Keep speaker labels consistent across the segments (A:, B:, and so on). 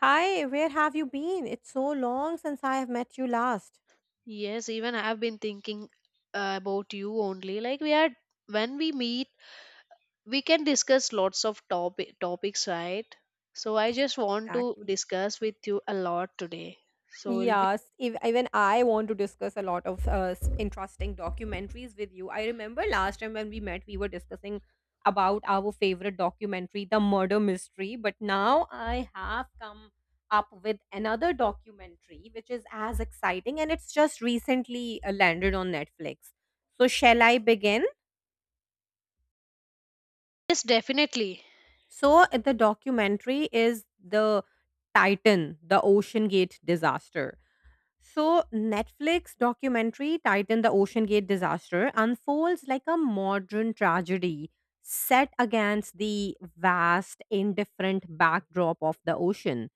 A: Hi, where have you been? It's so long since I have met you last.
B: Yes, even I've been thinking about you only. Like we are, when we meet, we can discuss lots of topics, right? So I just want to
A: Exactly.
B: discuss with you a lot today. So we'll be
A: Yes, even I want to discuss a lot of interesting documentaries with you. I remember last time when we met, we were discussing about our favorite documentary, The Murder Mystery. But now I have come up with another documentary, which is as exciting and it's just recently landed on Netflix. So, shall I begin?
B: yes, definitely.
A: The documentary is the Titan, the Ocean Gate disaster. So Netflix documentary Titan, the Ocean Gate disaster unfolds like a modern tragedy set against the vast, indifferent backdrop of the ocean.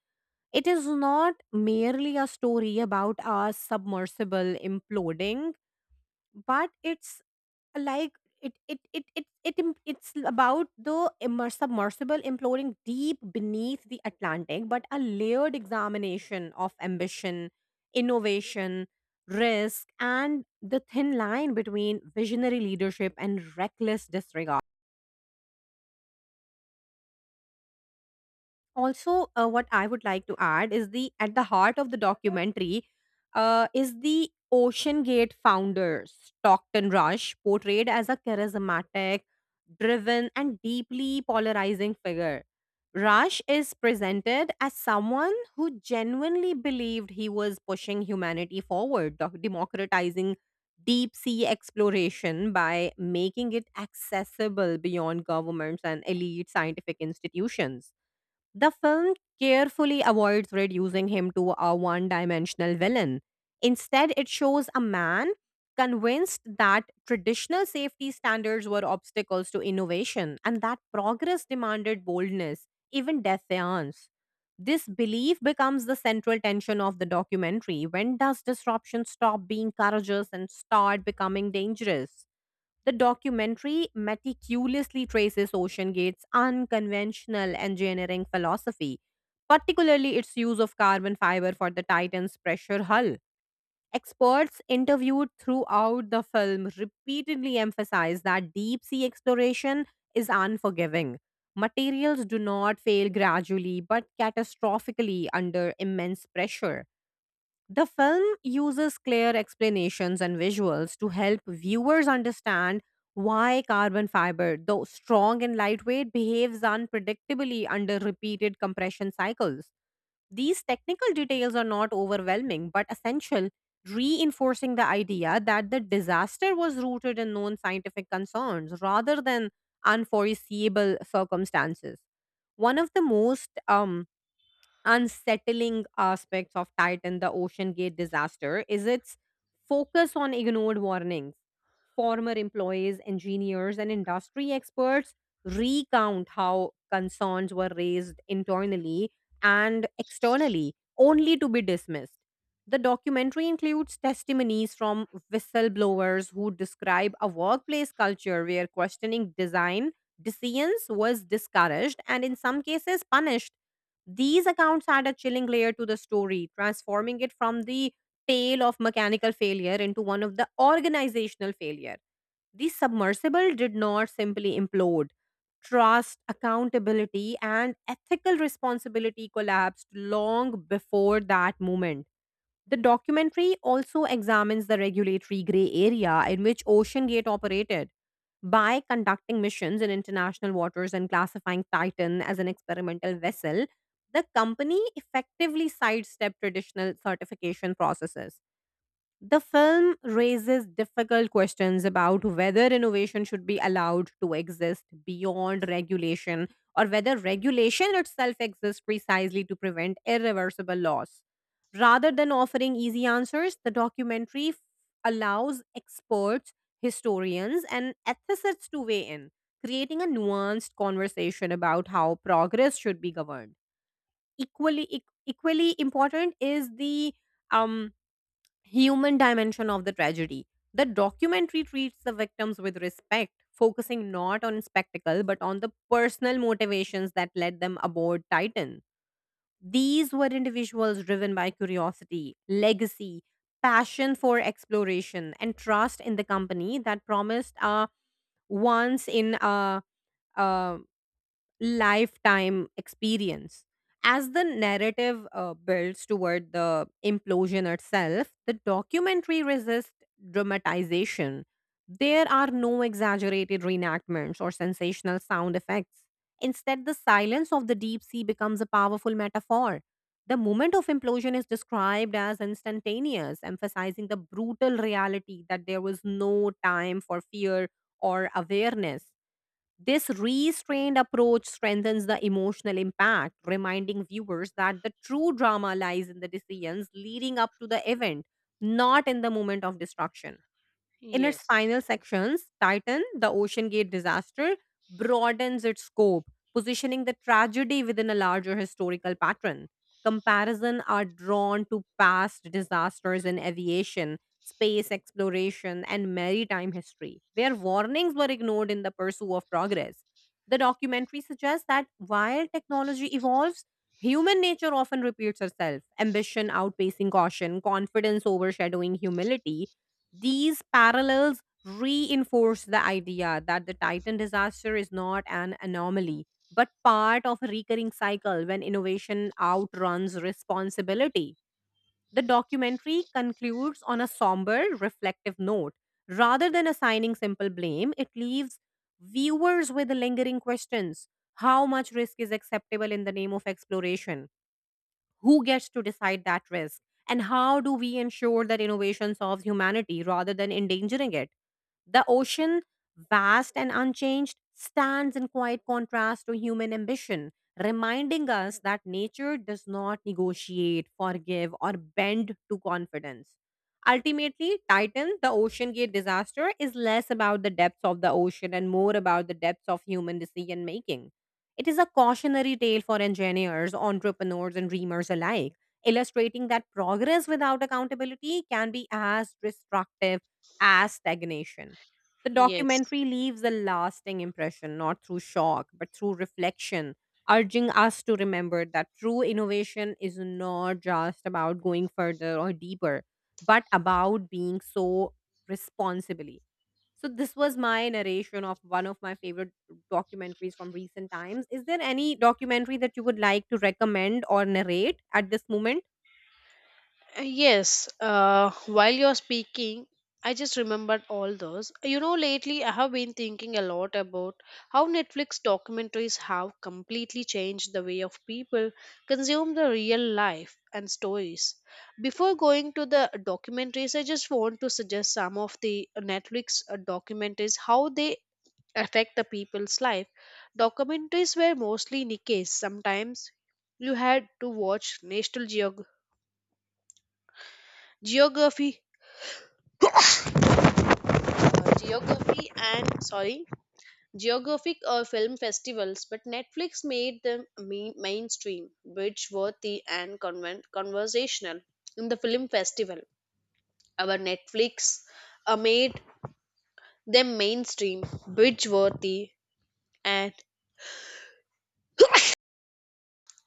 A: It is not merely a story about a submersible imploding, but it's like it im- it's about the submersible imploring deep beneath the Atlantic, but a layered examination of ambition, innovation, risk, and the thin line between visionary leadership and reckless disregard. Also, what I would like to add is the at the heart of the documentary is the Ocean Gate founder Stockton Rush, portrayed as a charismatic, driven, and deeply polarizing figure. Rush is presented as someone who genuinely believed he was pushing humanity forward, democratizing deep sea exploration by making it accessible beyond governments and elite scientific institutions. The film carefully avoids reducing him to a one dimensional villain. Instead, it shows a man convinced that traditional safety standards were obstacles to innovation and that progress demanded boldness, even defiance. This belief becomes the central tension of the documentary. When does disruption stop being courageous and start becoming dangerous? The documentary meticulously traces Ocean Gate's unconventional engineering philosophy, particularly its use of carbon fiber for the Titan's pressure hull. Experts interviewed throughout the film repeatedly emphasize that deep sea exploration is unforgiving. Materials do not fail gradually but catastrophically under immense pressure. The film uses clear explanations and visuals to help viewers understand why carbon fiber, though strong and lightweight, behaves unpredictably under repeated compression cycles. These technical details are not overwhelming but essential, reinforcing the idea that the disaster was rooted in known scientific concerns rather than unforeseeable circumstances. One of the most unsettling aspects of Titan, the Ocean Gate disaster, is its focus on ignored warnings. Former employees, engineers, and industry experts recount how concerns were raised internally and externally, only to be dismissed. The documentary includes testimonies from whistleblowers who describe a workplace culture where questioning design decisions was discouraged and, in some cases, punished. These accounts add a chilling layer to the story, transforming it from the tale of mechanical failure into one of the organizational failure. The submersible did not simply implode. Trust, accountability, and ethical responsibility collapsed long before that moment. The documentary also examines the regulatory gray area in which OceanGate operated. By conducting missions in international waters and classifying Titan as an experimental vessel, the company effectively sidestepped traditional certification processes. The film raises difficult questions about whether innovation should be allowed to exist beyond regulation, or whether regulation itself exists precisely to prevent irreversible loss. Rather than offering easy answers, the documentary allows experts, historians, and ethicists to weigh in, creating a nuanced conversation about how progress should be governed. Equally important is the um, human dimension of the tragedy. The documentary treats the victims with respect, focusing not on spectacle but on the personal motivations that led them aboard Titan. These were individuals driven by curiosity, legacy, passion for exploration, and trust in the company that promised a once in a, a lifetime experience. As the narrative builds toward the implosion itself, the documentary resists dramatization. There are no exaggerated reenactments or sensational sound effects. Instead, the silence of the deep sea becomes a powerful metaphor. The moment of implosion is described as instantaneous, emphasizing the brutal reality that there was no time for fear or awareness. This restrained approach strengthens the emotional impact, reminding viewers that the true drama lies in the decisions leading up to the event, not in the moment of destruction. In its
B: Yes.
A: final sections, Titan, the Ocean Gate disaster, broadens its scope, positioning the tragedy within a larger historical pattern. Comparison are drawn to past disasters in aviation, space exploration, and maritime history, where warnings were ignored in the pursuit of progress. The documentary suggests that while technology evolves, human nature often repeats herself, ambition outpacing caution, confidence overshadowing humility. These parallels reinforce the idea that the Titan disaster is not an anomaly, but part of a recurring cycle when innovation outruns responsibility. The documentary concludes on a somber, reflective note. Rather than assigning simple blame, it leaves viewers with lingering questions. How much risk is acceptable in the name of exploration? Who gets to decide that risk, and how do we ensure that innovation solves humanity rather than endangering it? The ocean, vast and unchanged, stands in quiet contrast to human ambition, reminding us that nature does not negotiate, forgive, or bend to confidence. Ultimately, Titan, the Ocean Gate disaster, is less about the depths of the ocean and more about the depths of human decision making. It is a cautionary tale for engineers, entrepreneurs, and dreamers alike, illustrating that progress without accountability can be as destructive as stagnation. The
B: Yes.
A: documentary leaves a lasting impression, not through shock, but through reflection, urging us to remember that true innovation is not just about going further or deeper, but about being so responsibly. So this was my narration of one of my favorite documentaries from recent times. Is there any documentary that you would like to recommend or narrate at this moment?
B: Yes, while you're speaking, I just remembered all those. You know, lately I have been thinking a lot about how Netflix documentaries have completely changed the way of people consume the real life and stories. Before going to the documentaries, I just want to suggest some of the Netflix documentaries how they affect the people's life. Documentaries were mostly niches. Sometimes you had to watch Geography geography and sorry geographic or film festivals, but Netflix made them mainstream, rich worthy, and conversational in the film festival. Our Netflix made them mainstream, bridge worthy, and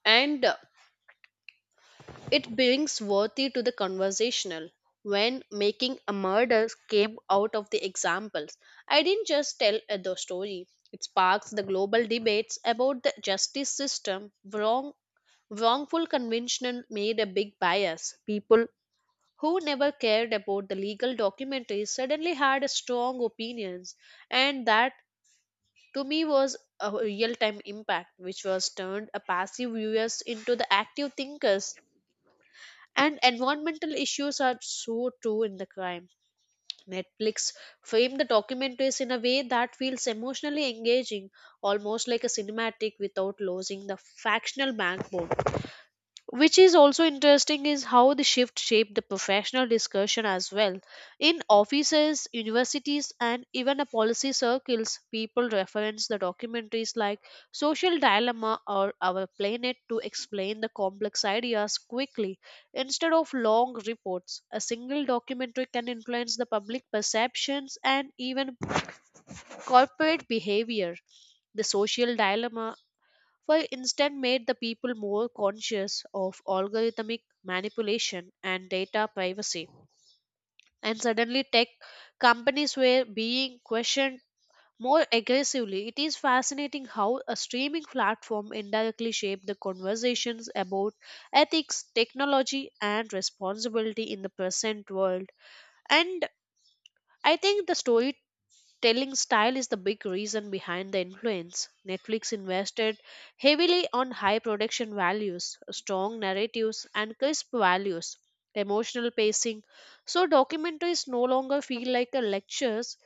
B: and it brings worthy to the conversational. When Making a Murder came out of the examples, I didn't just tell a the story. It sparks the global debates about the justice system. Wrongful convention made a big bias. People who never cared about the legal documentaries suddenly had a strong opinions, and that to me was a real-time impact, which was turned a passive viewers into the active thinkers and environmental issues are so true in the crime. Netflix framed the documentaries in a way that feels emotionally engaging, almost like a cinematic without losing the factional backbone. Which is also interesting is how the shift shaped the professional discussion as well. In offices, universities, and even the policy circles, people reference the documentaries like Social Dilemma or Our Planet to explain the complex ideas quickly. Instead of long reports, a single documentary can influence the public perceptions and even corporate behavior. The Social Dilemma, for instance, made the people more conscious of algorithmic manipulation and data privacy, and suddenly tech companies were being questioned more aggressively. It is fascinating how a streaming platform indirectly shaped the conversations about ethics, technology, and responsibility in the present world. And I think the story Telling style is the big reason behind the influence. Netflix invested heavily on high production values, strong narratives, and crisp values, emotional pacing. So documentaries no longer feel like a lectures.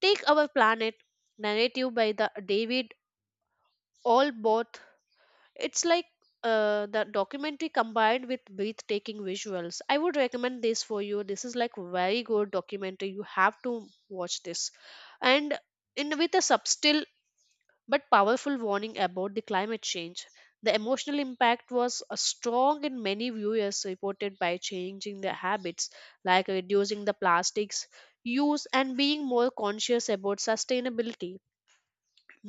B: Take Our Planet, narrative by the David Allport. It's like the documentary combined with breathtaking visuals. I would recommend this for you. This is like very good documentary. You have to watch this, and in with a subtle but powerful warning about the climate change. The emotional impact was strong in many viewers reported by changing their habits, like reducing the plastics use and being more conscious about sustainability.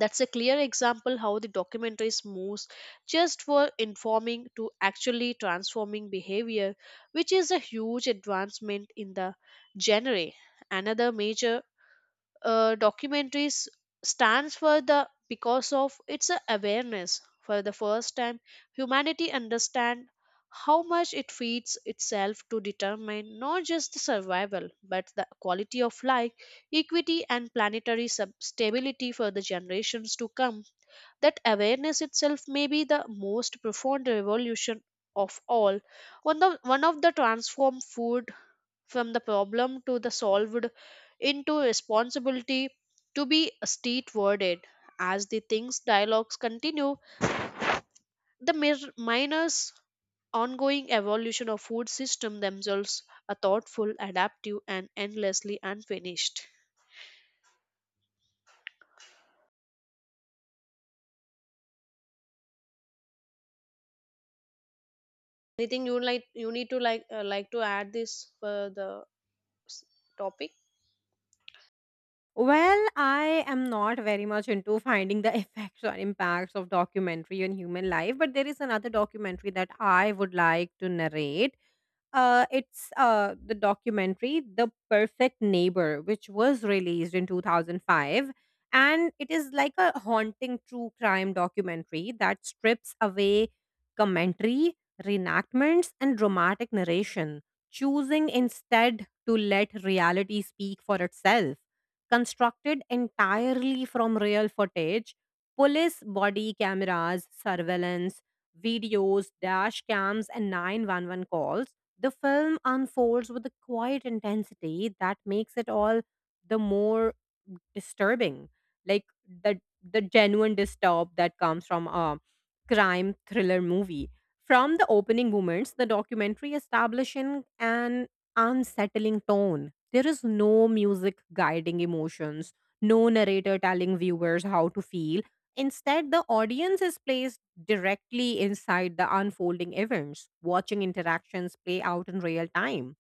B: That's a clear example how the documentaries moves just for informing to actually transforming behavior, which is a huge advancement in the genre. Another major documentaries stands for the because of its awareness. For the first time, humanity understand how much it feeds itself to determine not just the survival but the quality of life, equity, and planetary stability for the generations to come. That awareness itself may be the most profound revolution of all. One of the transformed food from the problem to the solved into responsibility to be state worded. As the things dialogues continue, the miners ongoing evolution of food system themselves are thoughtful, adaptive, and endlessly unfinished. Anything you like you need to like to add this for the s- topic?
A: Well, I am not very much into finding the effects or impacts of documentary on human life, but there is another documentary that I would like to narrate. It's The documentary The Perfect Neighbor, which was released in 2005. And it is like a haunting true crime documentary that strips away commentary, reenactments, and dramatic narration, choosing instead to let reality speak for itself. Constructed entirely from real footage, police body cameras, surveillance, videos, dash cams, and 911 calls, the film unfolds with a quiet intensity that makes it all the more disturbing. Like the genuine disturb that comes from a crime thriller movie. From the opening moments, the documentary establishing an unsettling tone. There is no music guiding emotions, no narrator telling viewers how to feel. Instead, the audience is placed directly inside the unfolding events, watching interactions play out in real time.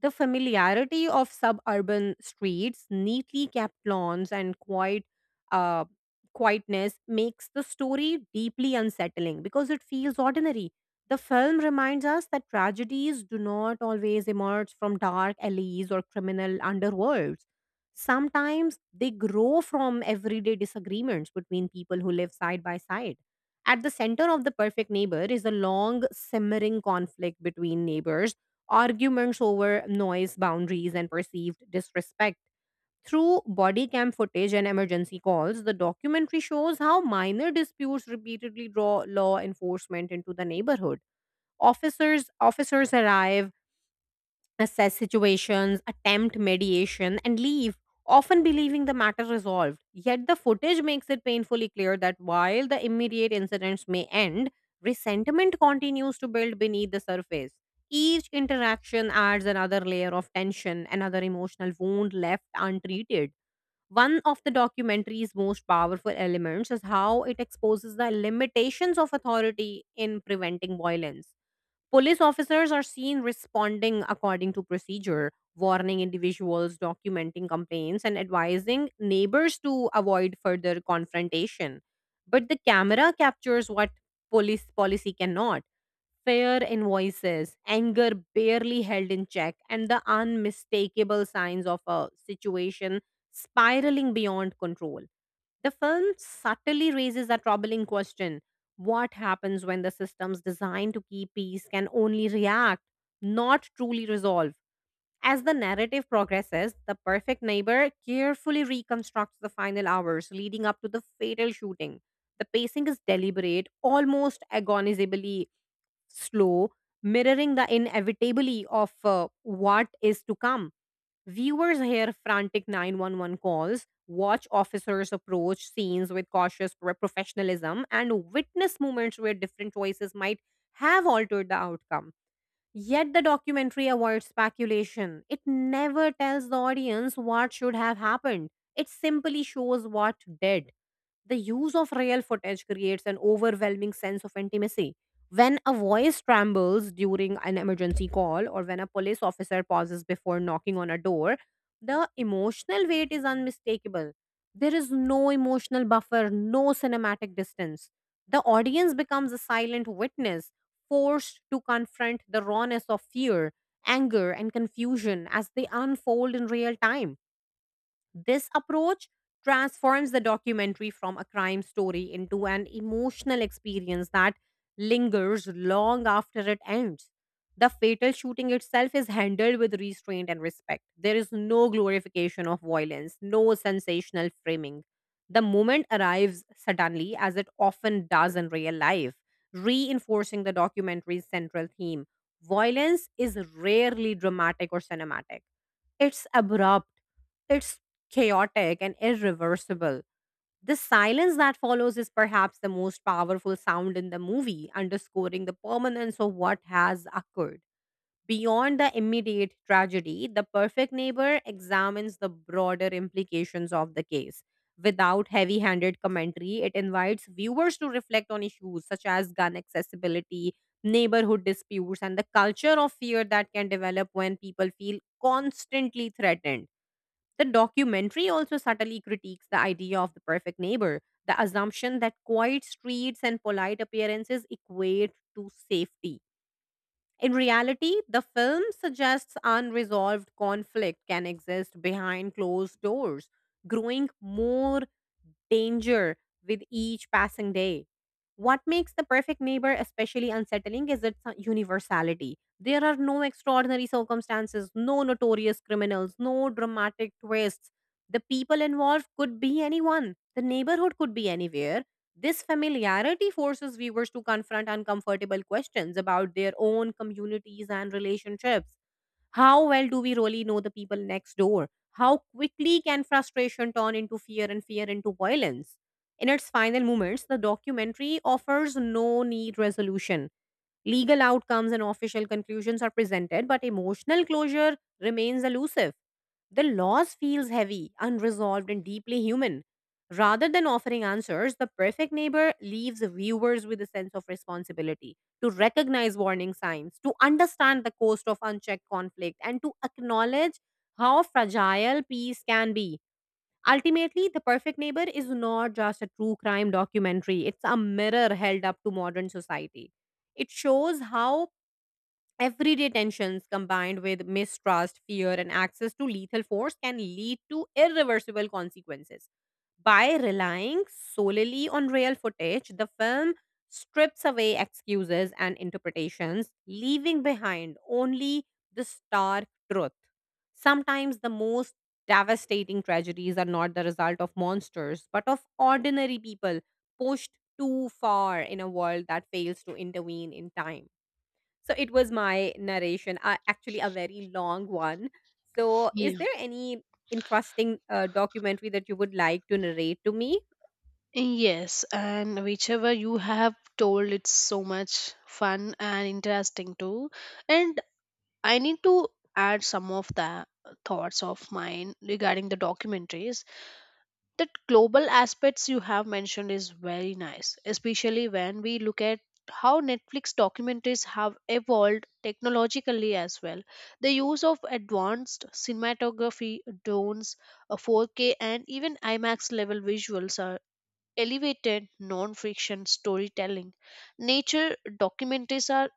A: The familiarity of suburban streets, neatly kept lawns, and uh, quietness makes the story deeply unsettling because it feels ordinary. The film reminds us that tragedies do not always emerge from dark alleys or criminal underworlds. Sometimes they grow from everyday disagreements between people who live side by side. At the center of The Perfect Neighbor is a long, simmering conflict between neighbors, arguments over noise, boundaries, and perceived disrespect. Through body cam footage and emergency calls, the documentary shows how minor disputes repeatedly draw law enforcement into the neighborhood. Officers arrive, assess situations, attempt mediation, and leave, often believing the matter resolved. Yet the footage makes it painfully clear that while the immediate incidents may end, resentment continues to build beneath the surface. Each interaction adds another layer of tension, another emotional wound left untreated. One of the documentary's most powerful elements is how it exposes the limitations of authority in preventing violence. Police officers are seen responding according to procedure, warning individuals, documenting complaints, and advising neighbors to avoid further confrontation. But the camera captures what police policy cannot, fair invoices, anger barely held in check, and the unmistakable signs of a situation spiraling beyond control. The film subtly raises a troubling question: what happens when the systems designed to keep peace can only react, not truly resolve? As the narrative progresses, the perfect neighbor carefully reconstructs the final hours leading up to the fatal shooting. The pacing is deliberate, almost agonizably slow, mirroring the inevitability of what is to come. Viewers hear frantic 911 calls, watch officers approach scenes with cautious professionalism, and witness moments where different choices might have altered the outcome. Yet the documentary avoids speculation. It never tells the audience what should have happened. It simply shows what did. The use of real footage creates an overwhelming sense of intimacy. When a voice trembles during an emergency call or when a police officer pauses before knocking on a door, the emotional weight is unmistakable. There is no emotional buffer, no cinematic distance. The audience becomes a silent witness, forced to confront the rawness of fear, anger, and confusion as they unfold in real time. This approach transforms the documentary from a crime story into an emotional experience that lingers long after it ends. The fatal shooting itself is handled with restraint and respect. There is no glorification of violence, no sensational framing. The moment arrives suddenly, as it often does in real life, reinforcing the documentary's central theme. Violence is rarely dramatic or cinematic. It's abrupt, it's chaotic and irreversible. The silence that follows is perhaps the most powerful sound in the movie, underscoring the permanence of what has occurred. Beyond the immediate tragedy, the perfect neighbor examines the broader implications of the case. Without heavy handed commentary, it invites viewers to reflect on issues such as gun accessibility, neighborhood disputes, and the culture of fear that can develop when people feel constantly threatened. The documentary also subtly critiques the idea of the perfect neighbor, the assumption that quiet streets and polite appearances equate to safety. In reality, the film suggests unresolved conflict can exist behind closed doors, growing more danger with each passing day. What makes the perfect neighbor especially unsettling is its universality. There are no extraordinary circumstances, no notorious criminals, no dramatic twists. The people involved could be anyone, the neighborhood could be anywhere. This familiarity forces viewers to confront uncomfortable questions about their own communities and relationships. How well do we really know the people next door? How quickly can frustration turn into fear, and fear into violence? In its final moments, the documentary offers no need resolution. Legal outcomes and official conclusions are presented, but emotional closure remains elusive. The loss feels heavy, unresolved, and deeply human. Rather than offering answers, the perfect neighbor leaves viewers with a sense of responsibility to recognize warning signs, to understand the cost of unchecked conflict, and to acknowledge how fragile peace can be. Ultimately, The Perfect Neighbor is not just a true crime documentary, it's a mirror held up to modern society. It shows how everyday tensions combined with mistrust, fear, and access to lethal force can lead to irreversible consequences. By relying solely on real footage, the film strips away excuses and interpretations, leaving behind only the stark truth. Sometimes the most devastating tragedies are not the result of monsters, but of ordinary people pushed too far in a world that fails to intervene in time. So it was my narration, actually a very long one. So is
B: Yeah.
A: there any interesting documentary that you would like to narrate to me?
B: Yes, and whichever you have told, it's so much fun and interesting too. And I need to add some of the thoughts of mine regarding the documentaries. That global aspects you have mentioned is very nice, especially when we look at how Netflix documentaries have evolved technologically as well. The use of advanced cinematography, drones, a 4K, and even IMAX level visuals are elevated non fiction storytelling. Nature documentaries are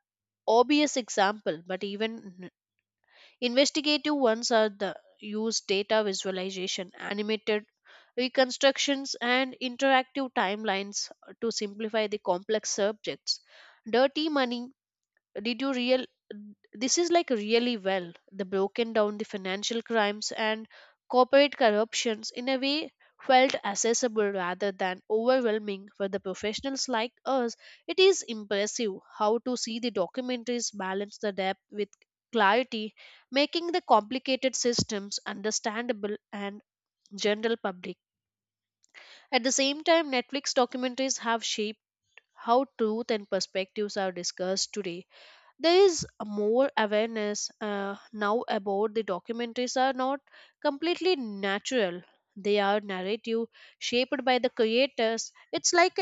B: obvious example, but even investigative ones are the use data visualization, animated reconstructions, and interactive timelines to simplify the complex subjects. Dirty Money, did you real, this is like really well the broken down the financial crimes and corporate corruptions in a way felt accessible rather than overwhelming for the professionals like us. It is impressive how to see the documentaries balance the depth with clarity, making the complicated systems understandable and general public. At the same time, Netflix documentaries have shaped how truth and perspectives are discussed today. There is more awareness now about the documentaries are not completely natural. They are narrative shaped by the creators. It's like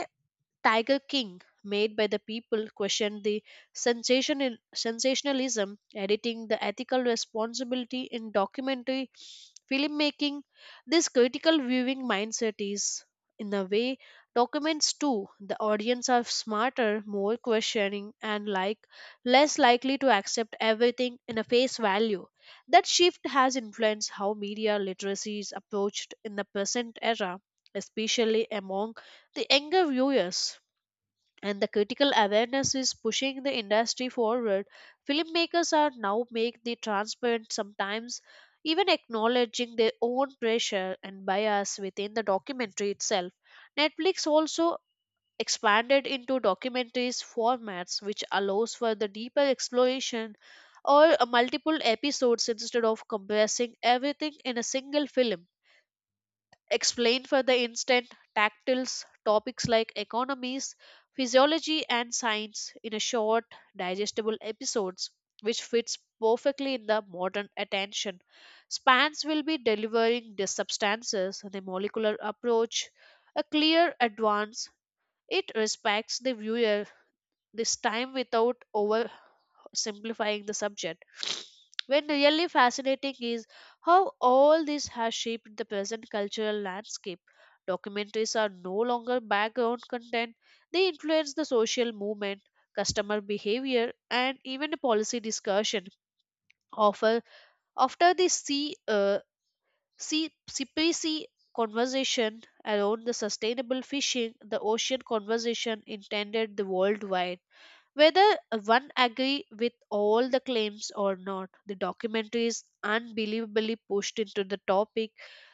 B: Tiger King, made by the people, questioned the sensationalism, editing the ethical responsibility in documentary filmmaking. This critical viewing mindset is, in a way, documents too. The audience are smarter, more questioning, and like less likely to accept everything in a face value. That shift has influenced how media literacy is approached in the present era, especially among the younger viewers. And the critical awareness is pushing the industry forward. Filmmakers are now make the transparent, sometimes even acknowledging their own pressure and bias within the documentary itself. Netflix also expanded into documentaries formats which allows for the deeper exploration or multiple episodes instead of compressing everything in a single film. Explain for the instant tactiles topics like economies, physiology, and science in a short, digestible episodes, which fits perfectly in the modern attention. Spans will be delivering the substances and a molecular approach, a clear advance. It respects the viewer this time without over simplifying the subject. When really fascinating is how all this has shaped the present cultural landscape. Documentaries are no longer background content, they influence the social movement, customer behavior, and even a policy discussion. Often, after the CPC conversation around the sustainable fishing, the ocean conversation intended the worldwide, whether one agree with all the claims or not, the documentary is unbelievably pushed into the topic.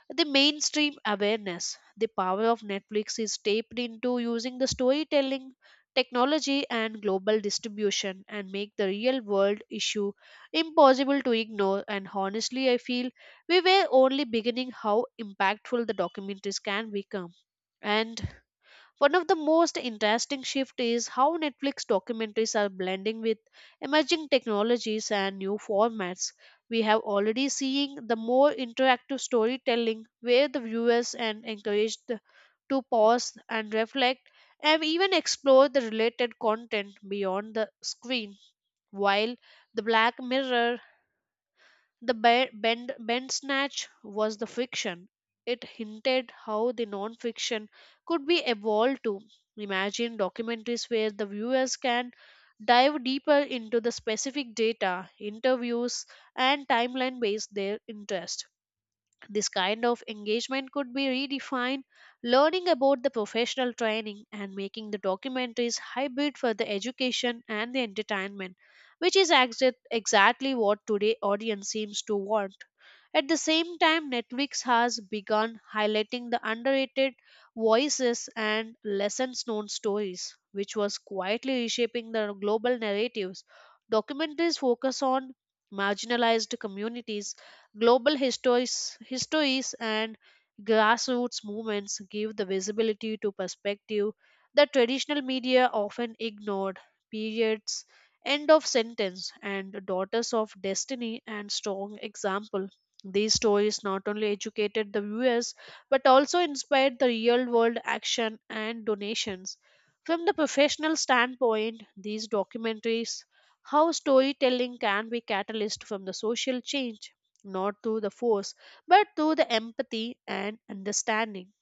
B: The mainstream awareness, the power of Netflix is taped into using the storytelling technology and global distribution and make the real world issue impossible to ignore. And honestly I feel we were only beginning how impactful the documentaries can become. And one of the most interesting shifts is how Netflix documentaries are blending with emerging technologies and new formats. We have already seen the more interactive storytelling where the viewers are encouraged to pause and reflect and even explore the related content beyond the screen. While the Black Mirror, the Bend Snatch was the fiction, it hinted how the non-fiction could be evolved to. Imagine documentaries where the viewers can dive deeper into the specific data, interviews, and timeline based their interest. This kind of engagement could be redefined, learning about the professional training and making the documentaries hybrid for the education and the entertainment, which is exactly what today audience seems to want. At the same time, Netflix has begun highlighting the underrated voices and lessons known stories, which was quietly reshaping the global narratives. Documentaries focus on marginalized communities, global histories, and grassroots movements give the visibility to perspective that traditional media often ignored. Periods, end of sentence, and daughters of destiny and strong example. These stories not only educated the viewers but also inspired the real world action and donations. From the professional standpoint, these documentaries how storytelling can be catalyst from the social change, not through the force, but through the empathy and understanding.